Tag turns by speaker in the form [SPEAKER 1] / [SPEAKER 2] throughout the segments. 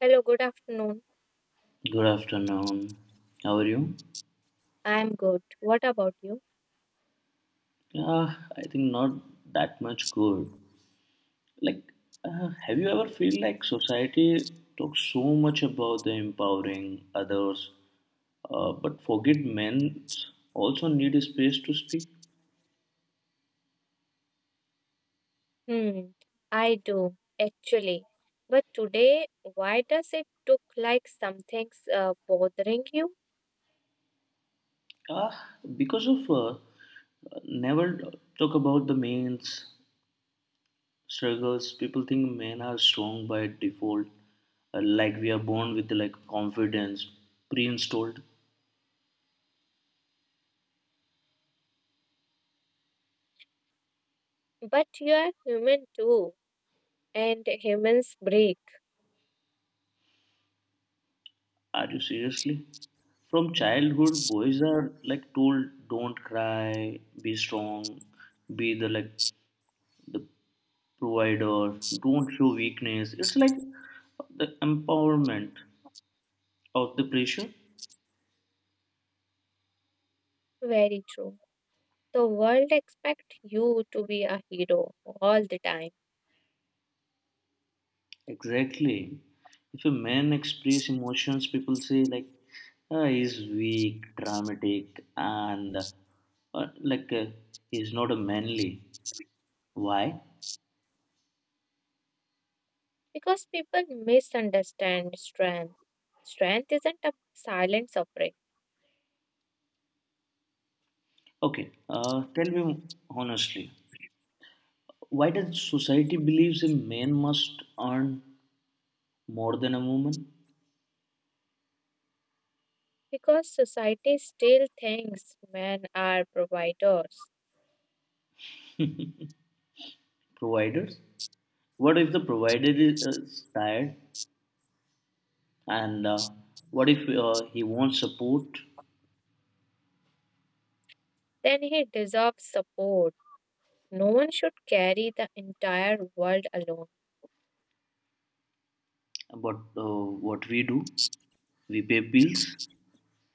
[SPEAKER 1] Hello, good afternoon.
[SPEAKER 2] Good afternoon. How are you?
[SPEAKER 1] I'm good. What about you?
[SPEAKER 2] I think not that much good. Like, have you ever feel like society talks so much about the empowering others, but forget men also need a space to speak?
[SPEAKER 1] Hmm, I do, actually. But today, why does it look like something's bothering you?
[SPEAKER 2] Uh, because of Never talk about the men's struggles, people think men are strong by default, like we are born with like confidence pre-installed.
[SPEAKER 1] But you are human too, and humans break.
[SPEAKER 2] Are you seriously? From childhood, boys are like told, don't cry, be strong, be the provider, don't show weakness. It's like the empowerment of the pressure.
[SPEAKER 1] Very true. The world expects you to be a hero all the time
[SPEAKER 2] Exactly. If a man express emotions, people say he's weak, dramatic, and he's not a manly. Why?
[SPEAKER 1] because people misunderstand strength. Strength isn't a silent suffering
[SPEAKER 2] Okay. Tell me honestly, why does society believes a man must earn more than a woman?
[SPEAKER 1] because society still thinks men are providers,
[SPEAKER 2] Providers. What if the provider is tired, and what if he won't support?
[SPEAKER 1] then he deserves support. No one should carry the entire world alone.
[SPEAKER 2] But what we do, we pay bills,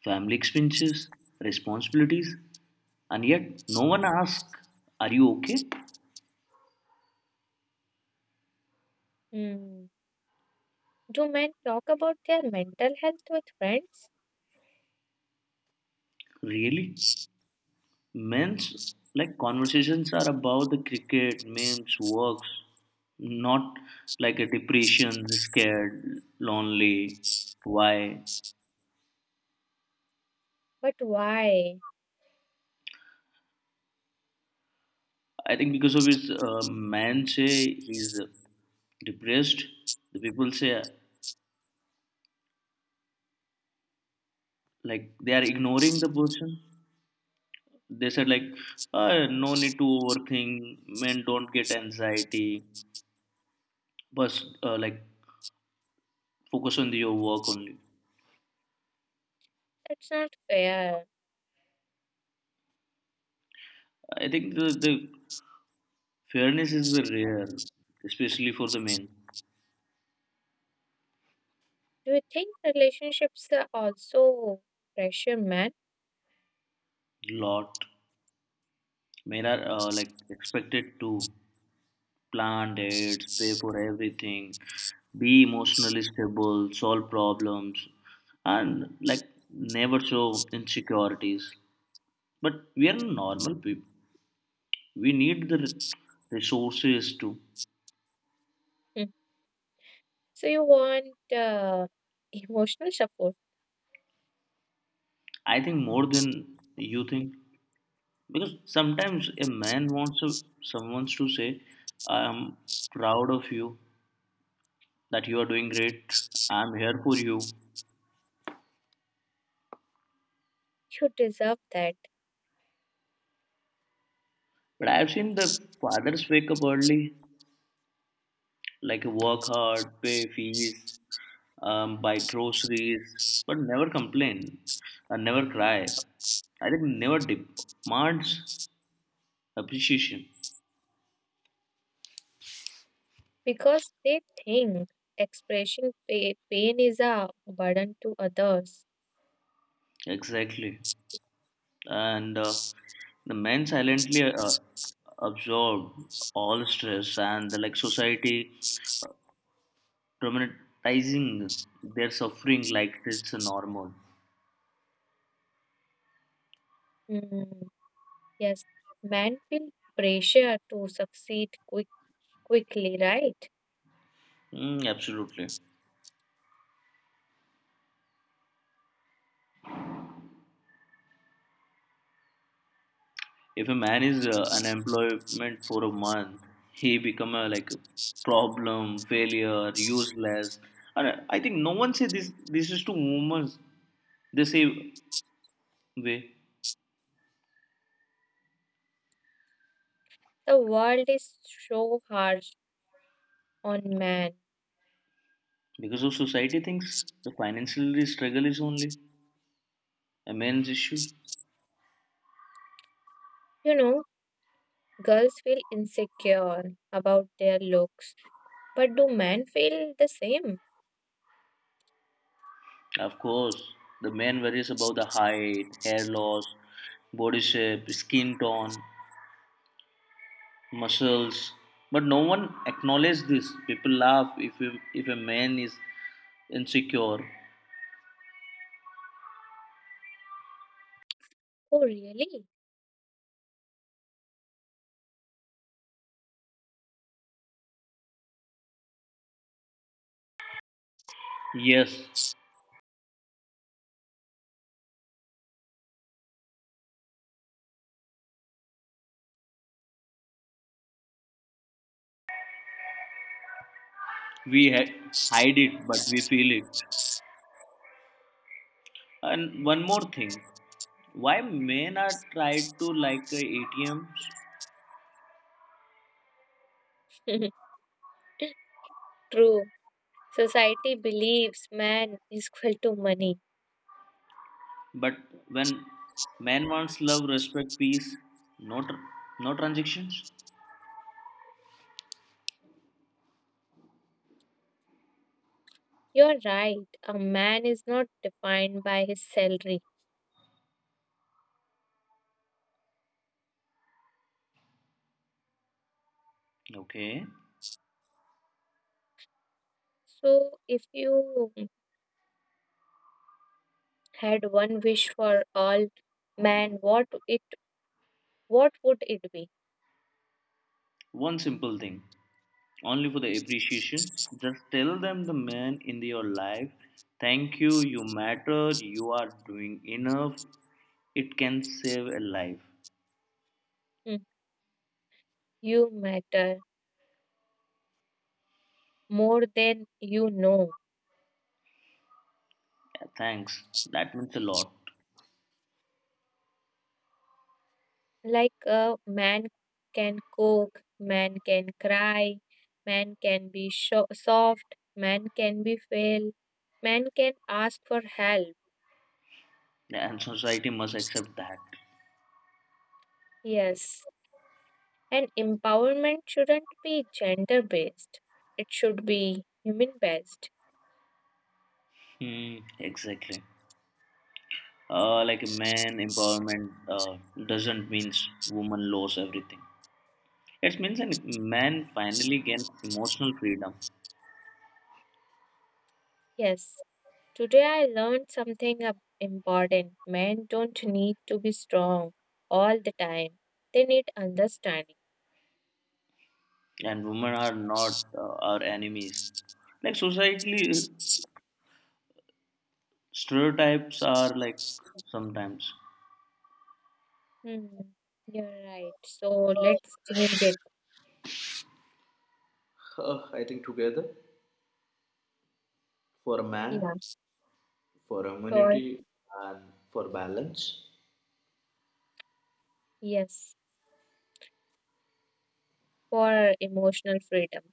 [SPEAKER 2] family expenses, responsibilities, and yet no one asks, "Are you okay?"
[SPEAKER 1] Hmm. Do men talk about their mental health with friends?
[SPEAKER 2] Really? Men's like conversations are about the cricket, memes, works, not like a depression, scared, lonely. Why?
[SPEAKER 1] But why?
[SPEAKER 2] I think because of his man say he's depressed. The people say like they are ignoring the person. They said like no need to overthink. Men don't get anxiety. But focus on your work only.
[SPEAKER 1] That's not fair.
[SPEAKER 2] I think the fairness is the rare, especially for the men.
[SPEAKER 1] Do you think relationships are also pressure men?
[SPEAKER 2] Lot men are like expected to plan dates, pay for everything, be emotionally stable, solve problems, and like never show insecurities. But we are normal people. We need the resources too.
[SPEAKER 1] Hmm. So you want emotional support.
[SPEAKER 2] I think more than you think because sometimes a man wants to, someone to say, "I am proud of you," that you are doing great. I'm here for you.
[SPEAKER 1] You deserve that
[SPEAKER 2] But I've seen the fathers wake up early, like work hard, pay fees, buy groceries, but never complain and never cry. I think never demands appreciation.
[SPEAKER 1] because they think expressing pain is a burden to others.
[SPEAKER 2] Exactly. And the men silently absorb all stress and the, like society dramatizing their suffering like it's normal.
[SPEAKER 1] Hmm. Yes, men feel pressure to succeed quickly, right?
[SPEAKER 2] Mm, absolutely. If a man is unemployment for a month, he become a like problem, failure, useless. And I think no one say this. This is to women. They say way
[SPEAKER 1] The world is so harsh on men.
[SPEAKER 2] because of society thinks the financial struggle is only a man's issue.
[SPEAKER 1] You know, girls feel insecure about their looks, but do men feel the same?
[SPEAKER 2] Of course, the man worries about the height, hair loss, body shape, skin tone, muscles. But no one acknowledges this. People laugh if a man is insecure.
[SPEAKER 1] Oh, really?
[SPEAKER 2] Yes, we hide it, but we feel it. And one more thing, why men are tried to like ATMs,
[SPEAKER 1] True. Society believes man is equal to money.
[SPEAKER 2] but when man wants love, respect, peace, no, no transactions.
[SPEAKER 1] You're right. A man is not defined by his salary.
[SPEAKER 2] Okay,
[SPEAKER 1] So, if you had one wish for all men, what would it be?
[SPEAKER 2] one simple thing, only for the appreciation. Just tell them the man in your life, thank you, you matter, you are doing enough. It can save a life.
[SPEAKER 1] Hmm. You matter more than you know.
[SPEAKER 2] Yeah, thanks. That means a lot.
[SPEAKER 1] Like a man can cook, man can cry, man can be soft, man can be fail, man can ask for help.
[SPEAKER 2] Yeah, and society must accept that.
[SPEAKER 1] Yes. And empowerment shouldn't be gender based, it should be human based.
[SPEAKER 2] Hmm, exactly. Like man empowerment doesn't mean woman lose everything. It means a man finally gain emotional freedom,
[SPEAKER 1] Yes. Today I learned something important. Men don't need to be strong all the time. They need understanding.
[SPEAKER 2] and women are not our enemies. Like society stereotypes are like sometimes.
[SPEAKER 1] Hmm. You're right. So let's change it. Yeah.
[SPEAKER 2] For harmony
[SPEAKER 1] For
[SPEAKER 2] and for balance.
[SPEAKER 1] yes, for emotional freedom.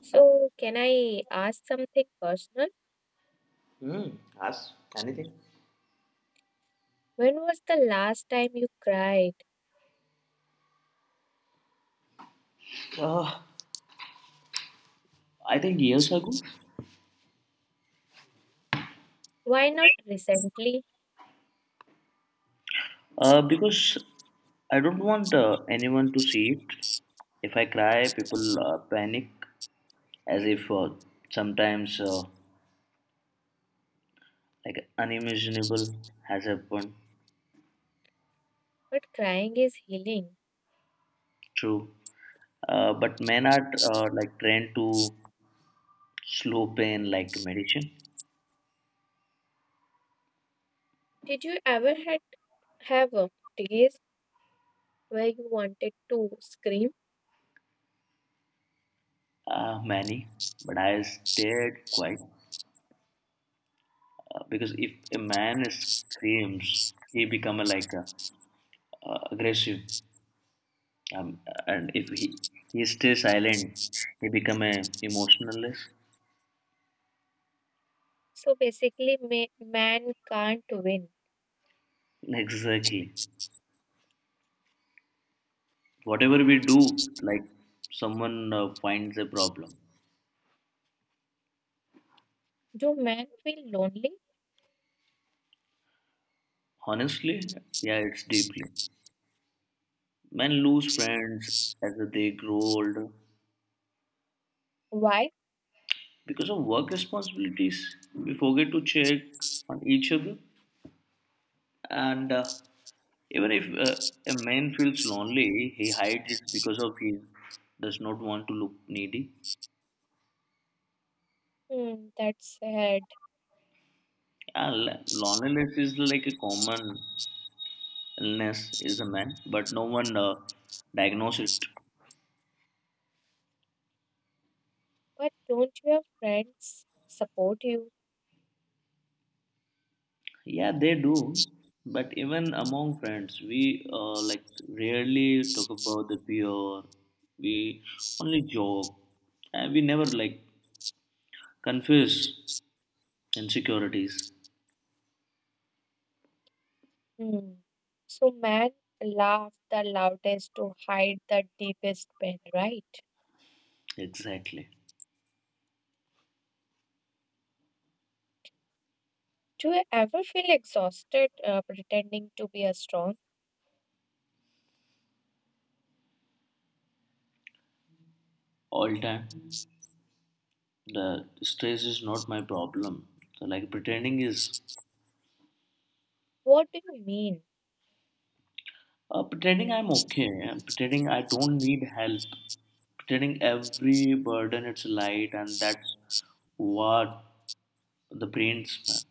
[SPEAKER 1] So can I ask something personal?
[SPEAKER 2] Hmm. Ask anything.
[SPEAKER 1] When was the last time you cried?
[SPEAKER 2] Uh, I think years ago.
[SPEAKER 1] Why not recently?
[SPEAKER 2] Because I don't want anyone to see it. If I cry, people panic as if sometimes like unimaginable has happened.
[SPEAKER 1] But crying is healing.
[SPEAKER 2] True. But men are like trained to slow pain like medicine.
[SPEAKER 1] Did you ever had Have days where you wanted to scream?
[SPEAKER 2] Many. But I stayed quiet because if a man screams, he become a, like a, aggressive. Um, and if he stays silent, he become a emotionless.
[SPEAKER 1] So basically, man can't win.
[SPEAKER 2] Exactly. Whatever we do, like someone finds a problem.
[SPEAKER 1] Do men feel lonely?
[SPEAKER 2] Honestly, yeah, it's deeply. Men lose friends as they grow older
[SPEAKER 1] Why?
[SPEAKER 2] because of work responsibilities. We forget to check on each other, and even if a man feels lonely, he hides it because of he does not want to look needy.
[SPEAKER 1] Hmm, that's sad.
[SPEAKER 2] Yeah, loneliness is like a common illness, is the man, but no one diagnose it.
[SPEAKER 1] But don't your friends support you?
[SPEAKER 2] Yeah, they do. But even among friends, we like rarely talk about the fear. We only joke, and we never like confuse insecurities.
[SPEAKER 1] Hmm. So men laugh the loudest to hide the deepest pain, right?
[SPEAKER 2] Exactly.
[SPEAKER 1] Do you ever feel exhausted pretending to be a strong?
[SPEAKER 2] All time, the stress is not my problem. So like pretending is
[SPEAKER 1] What do you mean?
[SPEAKER 2] Pretending I'm okay, and pretending I don't need help, pretending every burden it's light, and that's what the brain's man.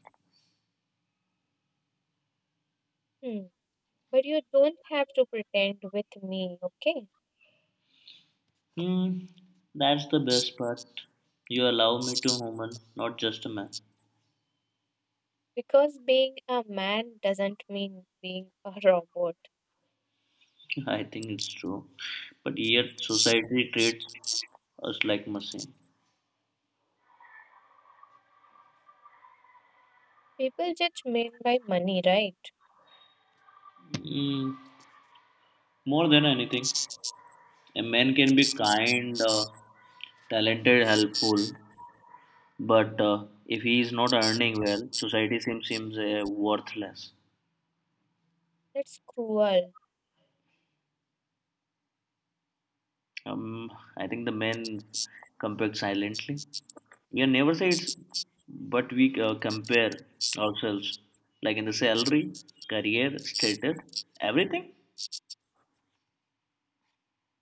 [SPEAKER 1] Hmm. But you don't have to pretend with me, okay?
[SPEAKER 2] Hmm, that's the best part. You allow me to human, not just a man.
[SPEAKER 1] Because being a man doesn't mean being a robot.
[SPEAKER 2] I think it's true, but yet society treats us like machine.
[SPEAKER 1] People judge men by money, right?
[SPEAKER 2] Mm, more than anything, a man can be kind, talented, helpful, but if he is not earning well, society seems worthless.
[SPEAKER 1] That's cruel.
[SPEAKER 2] Um, I think the men compare silently. We never say it's, but we compare ourselves, like in the salary, career, status, everything.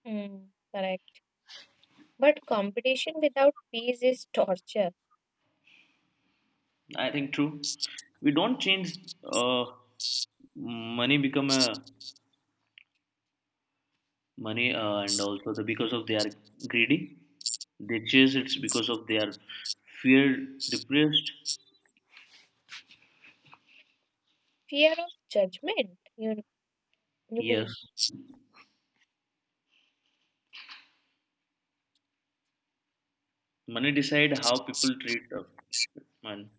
[SPEAKER 1] Hmm, correct. But competition without peace is torture.
[SPEAKER 2] I think true. We don't change. Uh, Money become a money, and also the because of they are greedy, they chase it's because of they are fear depressed.
[SPEAKER 1] Fear of judgment. You
[SPEAKER 2] Yes,
[SPEAKER 1] mean
[SPEAKER 2] money decide how people treat a man.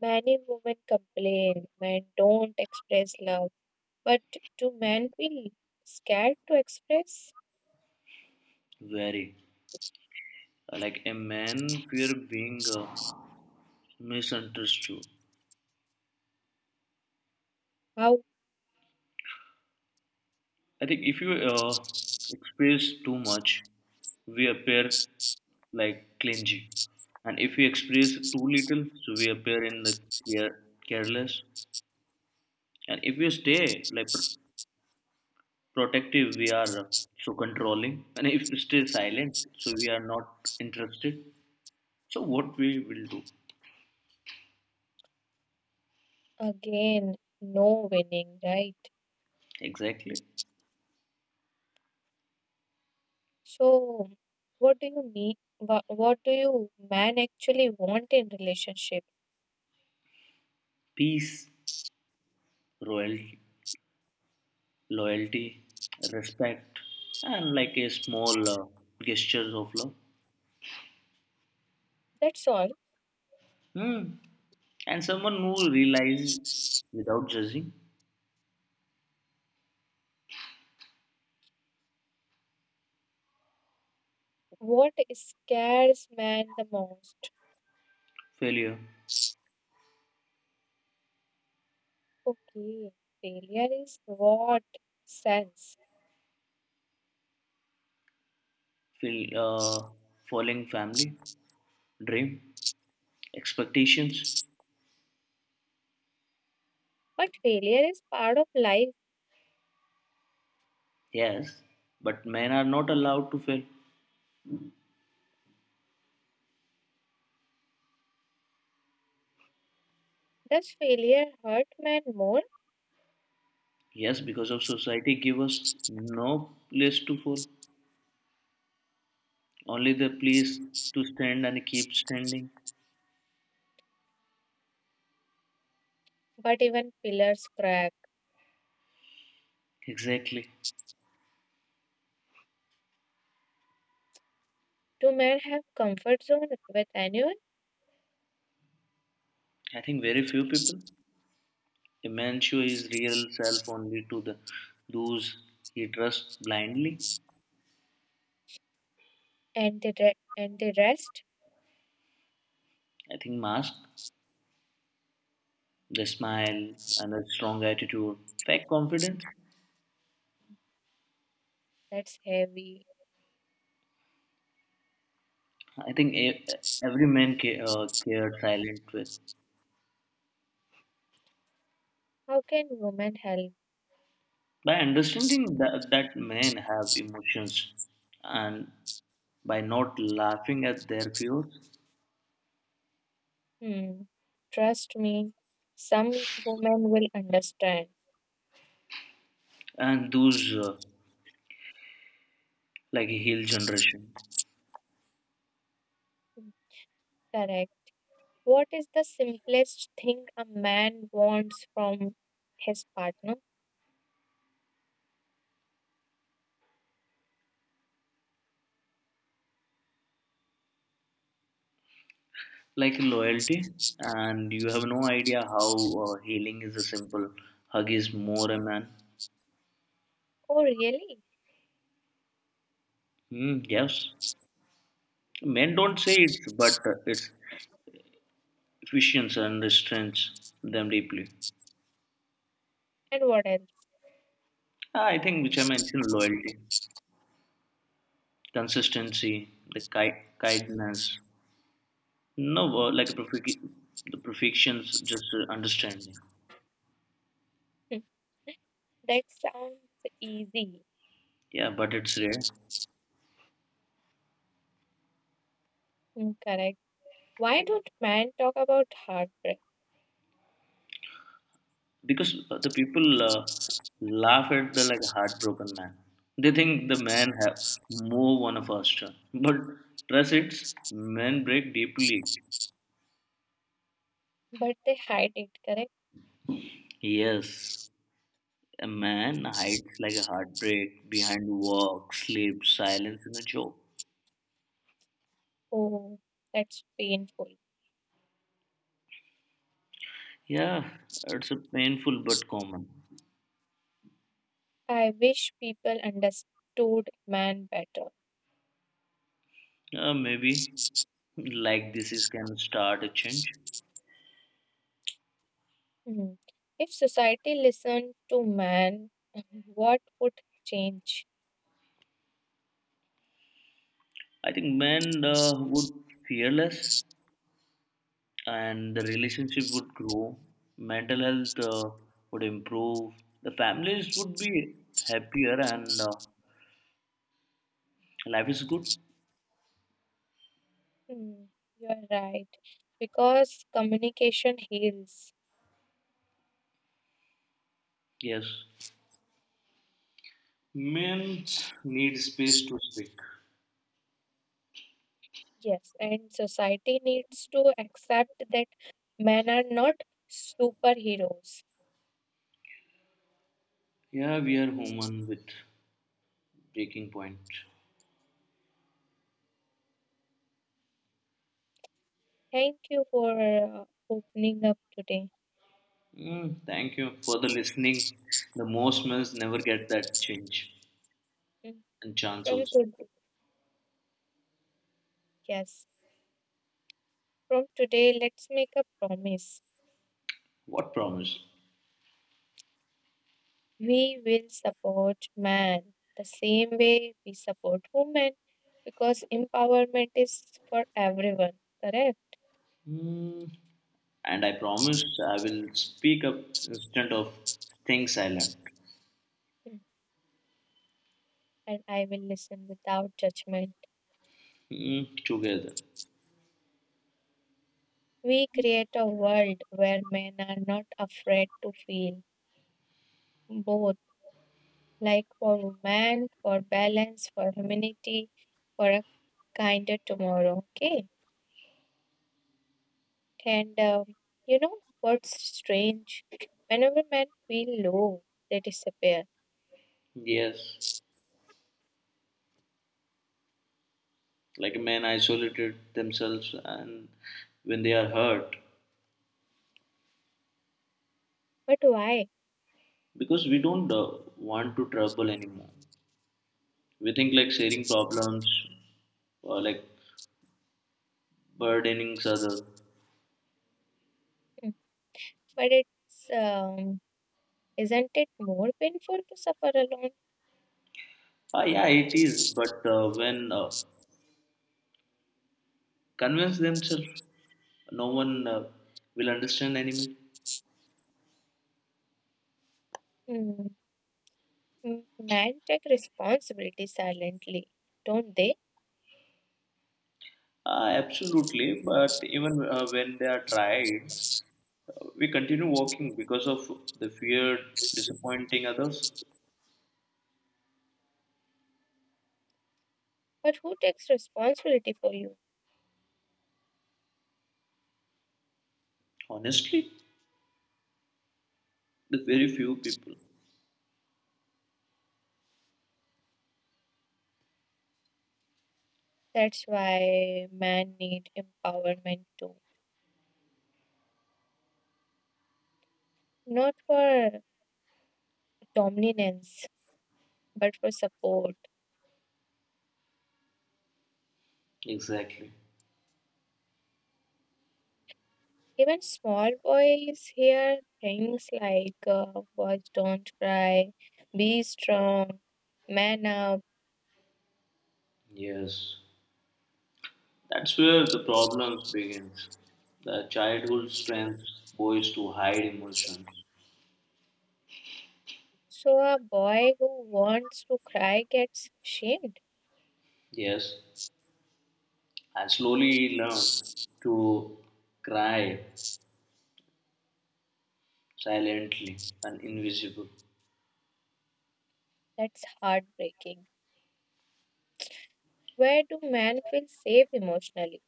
[SPEAKER 1] many women complain men don't express love. But do men feel scared to express?
[SPEAKER 2] Very. Like a man fear being misunderstood.
[SPEAKER 1] How
[SPEAKER 2] I think if you express too much, we appear like clingy. And if we express too little, so we appear in the care- careless. And if we stay like protective, we are so controlling. And if we stay silent, so we are not interested. So what we will do
[SPEAKER 1] again? No winning, right?
[SPEAKER 2] exactly?
[SPEAKER 1] So, what do you mean? What do you man actually want in relationship?
[SPEAKER 2] Peace. Royal, loyalty, respect, and like a small gestures of love.
[SPEAKER 1] That's all.
[SPEAKER 2] Hmm. And someone who realizes without judging
[SPEAKER 1] What scares man the most?
[SPEAKER 2] failure,
[SPEAKER 1] Okay, failure is what sense?
[SPEAKER 2] fail, falling family, dream, expectations.
[SPEAKER 1] But failure is part of life.
[SPEAKER 2] Yes, but men are not allowed to fail.
[SPEAKER 1] Does failure hurt man more?
[SPEAKER 2] Yes, because of society give us no place to fall, only the place to stand and keep standing.
[SPEAKER 1] But even pillars crack.
[SPEAKER 2] Exactly.
[SPEAKER 1] Do men have comfort zone with anyone?
[SPEAKER 2] I think very few people. Immancio is real self only to the those he trusts blindly.
[SPEAKER 1] And the rest?
[SPEAKER 2] I think mask, the smile, and a strong attitude, fake confidence.
[SPEAKER 1] That's heavy.
[SPEAKER 2] I think every man cared silent with.
[SPEAKER 1] How can women help?
[SPEAKER 2] By understanding that men have emotions and by not laughing at their fears
[SPEAKER 1] Hmm. Trust me, some women will understand.
[SPEAKER 2] and those like a heel generation.
[SPEAKER 1] Correct. What is the simplest thing a man wants from his partner?
[SPEAKER 2] Like loyalty, and you have no idea how healing is a simple hug is more a man.
[SPEAKER 1] Oh, really?
[SPEAKER 2] Mm, yes, men don't say it but it's efficiency and restrains them deeply.
[SPEAKER 1] And what else?
[SPEAKER 2] Ah, I think which I mentioned loyalty, consistency, the kindness, no like perfect the perfections, just understanding.
[SPEAKER 1] Hmm, that sounds easy.
[SPEAKER 2] Yeah, but it's rare.
[SPEAKER 1] Hmm, correct. Why don't men talk about heartbreak,
[SPEAKER 2] Because the people laugh at the like heartbroken man, they think the man have move on a faster, but trust it's men break deeply.
[SPEAKER 1] but they hide it, correct?
[SPEAKER 2] Yes, a man hides like a heartbreak behind work, sleep, silence and a joke.
[SPEAKER 1] Oh, that's painful.
[SPEAKER 2] Yeah, it's a painful but common.
[SPEAKER 1] I wish people understood man better.
[SPEAKER 2] Maybe like this is can start a change.
[SPEAKER 1] Hmm. If society listened to man, what would change?
[SPEAKER 2] I think men would fearless and the relationship would grow, mental health would improve, the families would be happier, and life is good.
[SPEAKER 1] Hmm, you're right because communication heals.
[SPEAKER 2] Yes. Humans need space to speak.
[SPEAKER 1] Yes, and society needs to accept that men are not superheroes.
[SPEAKER 2] Yeah, we are human with breaking point.
[SPEAKER 1] Thank you for opening up today.
[SPEAKER 2] Mm, thank you for the listening. The most men never get that change
[SPEAKER 1] Mm.
[SPEAKER 2] and chance
[SPEAKER 1] From
[SPEAKER 2] also.
[SPEAKER 1] today, yes, from today, let's make a promise.
[SPEAKER 2] What promise?
[SPEAKER 1] We will support man the same way we support women because empowerment is for everyone, correct?
[SPEAKER 2] Mm, and I promise I will speak up instead of staying silent.
[SPEAKER 1] Mm. And I will listen without judgment.
[SPEAKER 2] Mm, together.
[SPEAKER 1] We create a world where men are not afraid to feel both, like for women, for balance, for humanity, for a kinder tomorrow. Okay. And you know what's strange? Whenever men feel low, they disappear.
[SPEAKER 2] Yes, like men isolated themselves and when they are hurt,
[SPEAKER 1] But why?
[SPEAKER 2] because we don't want to trouble anymore. We think like sharing problems or like burdening other.
[SPEAKER 1] Hmm, but it's isn't it more painful to suffer alone?
[SPEAKER 2] Ah, yeah, it is. But when convince themselves, no one will understand anymore.
[SPEAKER 1] Hmm. Men take responsibility silently, don't they?
[SPEAKER 2] Absolutely, but even when they are tried, we continue walking because of the fear disappointing others.
[SPEAKER 1] But who takes responsibility for you?
[SPEAKER 2] Honestly, the very few people.
[SPEAKER 1] That's why men need empowerment too, not for dominance, but for support.
[SPEAKER 2] Exactly.
[SPEAKER 1] Even small boys hear things like boys don't cry, be strong, man up.
[SPEAKER 2] Yes. That's where the problems begins. The childhood strength boys to hide emotions.
[SPEAKER 1] So a boy who wants to cry gets shamed.
[SPEAKER 2] Yes. I slowly learned to cry silently and invisible.
[SPEAKER 1] That's heartbreaking. Where do men feel safe emotionally?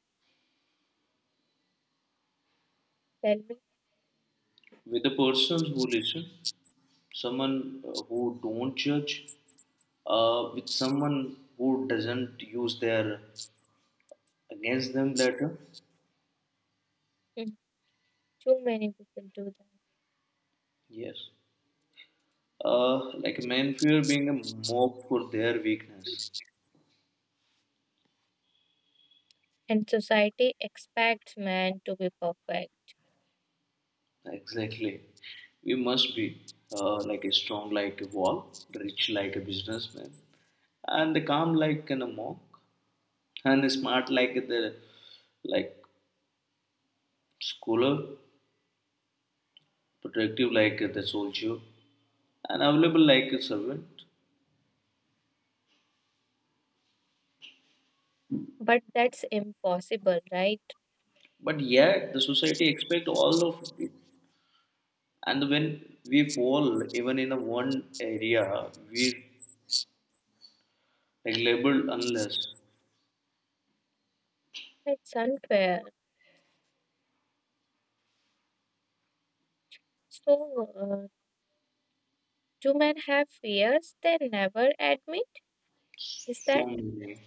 [SPEAKER 1] Tell me.
[SPEAKER 2] With the persons who listen, someone who don't judge, with someone who doesn't use their against them later.
[SPEAKER 1] Hmm, too many people do that.
[SPEAKER 2] Yes. Like men fear being a mock for their weakness.
[SPEAKER 1] And society expects men to be perfect.
[SPEAKER 2] Exactly. We must be like a strong like a wall, rich like a businessman, and the calm like an a monk, and the smart like the like scholar, protective like the soldier, and available like a servant.
[SPEAKER 1] But that's impossible, right?
[SPEAKER 2] But yet the society expect all of it. And when we fall even in a one area, we like labeled unless.
[SPEAKER 1] That's unfair. So, do men have fears they never admit? Is
[SPEAKER 2] So
[SPEAKER 1] that
[SPEAKER 2] many.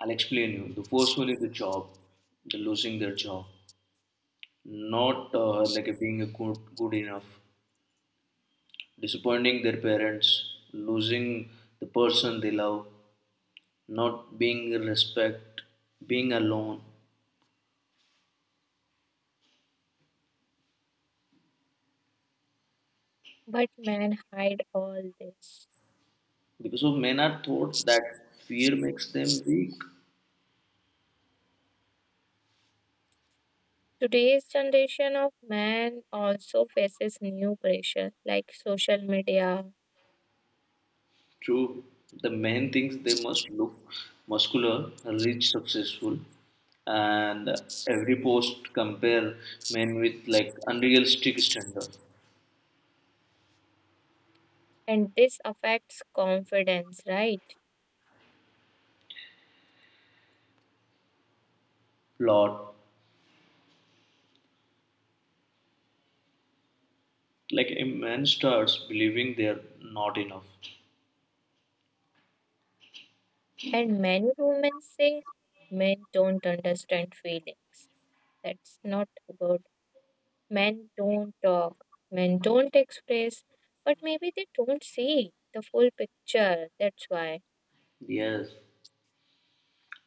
[SPEAKER 2] I'll explain you. The first one is the job, the losing their job, not like a being a good enough, disappointing their parents, losing the person they love, not being respect, being alone.
[SPEAKER 1] but men hide all this?
[SPEAKER 2] Because of men are thought that fear makes them weak.
[SPEAKER 1] Today's generation of men also faces new pressure like social media,
[SPEAKER 2] True, the man thinks they must look muscular, rich, successful, and every post compare men with like unrealistic standard
[SPEAKER 1] and this affects confidence, right?
[SPEAKER 2] plot. Like a man starts believing they're not enough.
[SPEAKER 1] And many women say men don't understand feelings. That's not good. Men don't talk, men don't express, but maybe they don't see the full picture. That's why,
[SPEAKER 2] Yes,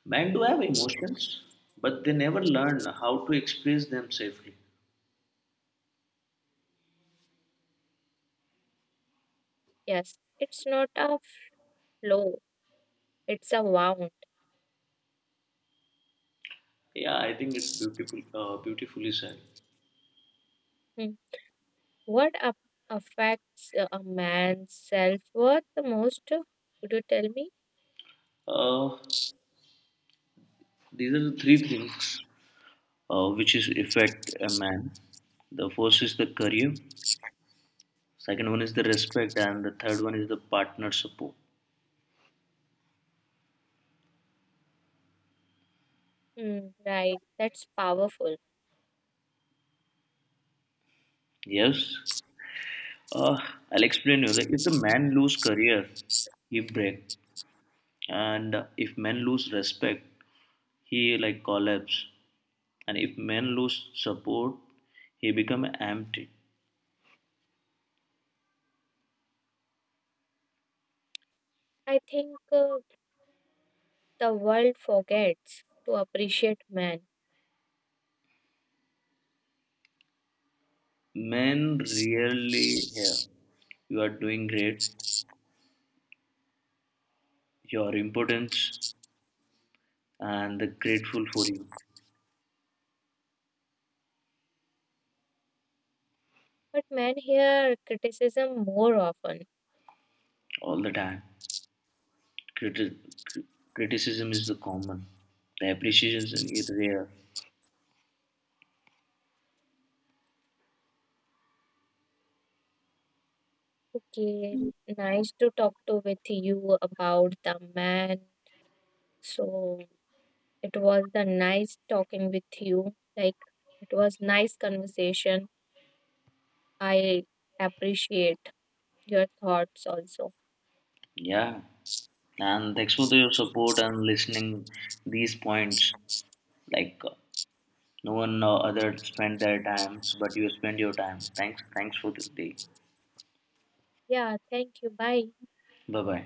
[SPEAKER 2] men do have emotions, but they never learn how to express them safely.
[SPEAKER 1] yes, it's not a low, it's a wound.
[SPEAKER 2] Yeah, I think it's beautiful, beautifully said.
[SPEAKER 1] Hmm. What a- affects a man's self worth the most? Could you tell me?
[SPEAKER 2] Uh, These are the three things which is affect a man. The first is the career, second one is the respect, and the third one is the partner support.
[SPEAKER 1] Hmm, right, that's powerful.
[SPEAKER 2] Yes, uh, I'll explain you. Like if the man lose career, he break, and if men lose respect, he like collapse, and if men lose support, he become empty.
[SPEAKER 1] I think the world forgets to appreciate men,
[SPEAKER 2] Men really hear you are doing great. Your importance and the grateful for you.
[SPEAKER 1] but men hear criticism more often.
[SPEAKER 2] All the time. Criti- cri- Criticism is the common, the appreciation is really rare.
[SPEAKER 1] Okay, nice to talk to with you about the man. So it was the nice talking with you. Like it was nice conversation. I appreciate your thoughts also.
[SPEAKER 2] Yeah, and thanks for your support and listening these points. Like no one other spent their times, but you spend your time. Thanks, thanks for the day.
[SPEAKER 1] Yeah, thank you. Bye.
[SPEAKER 2] Bye bye.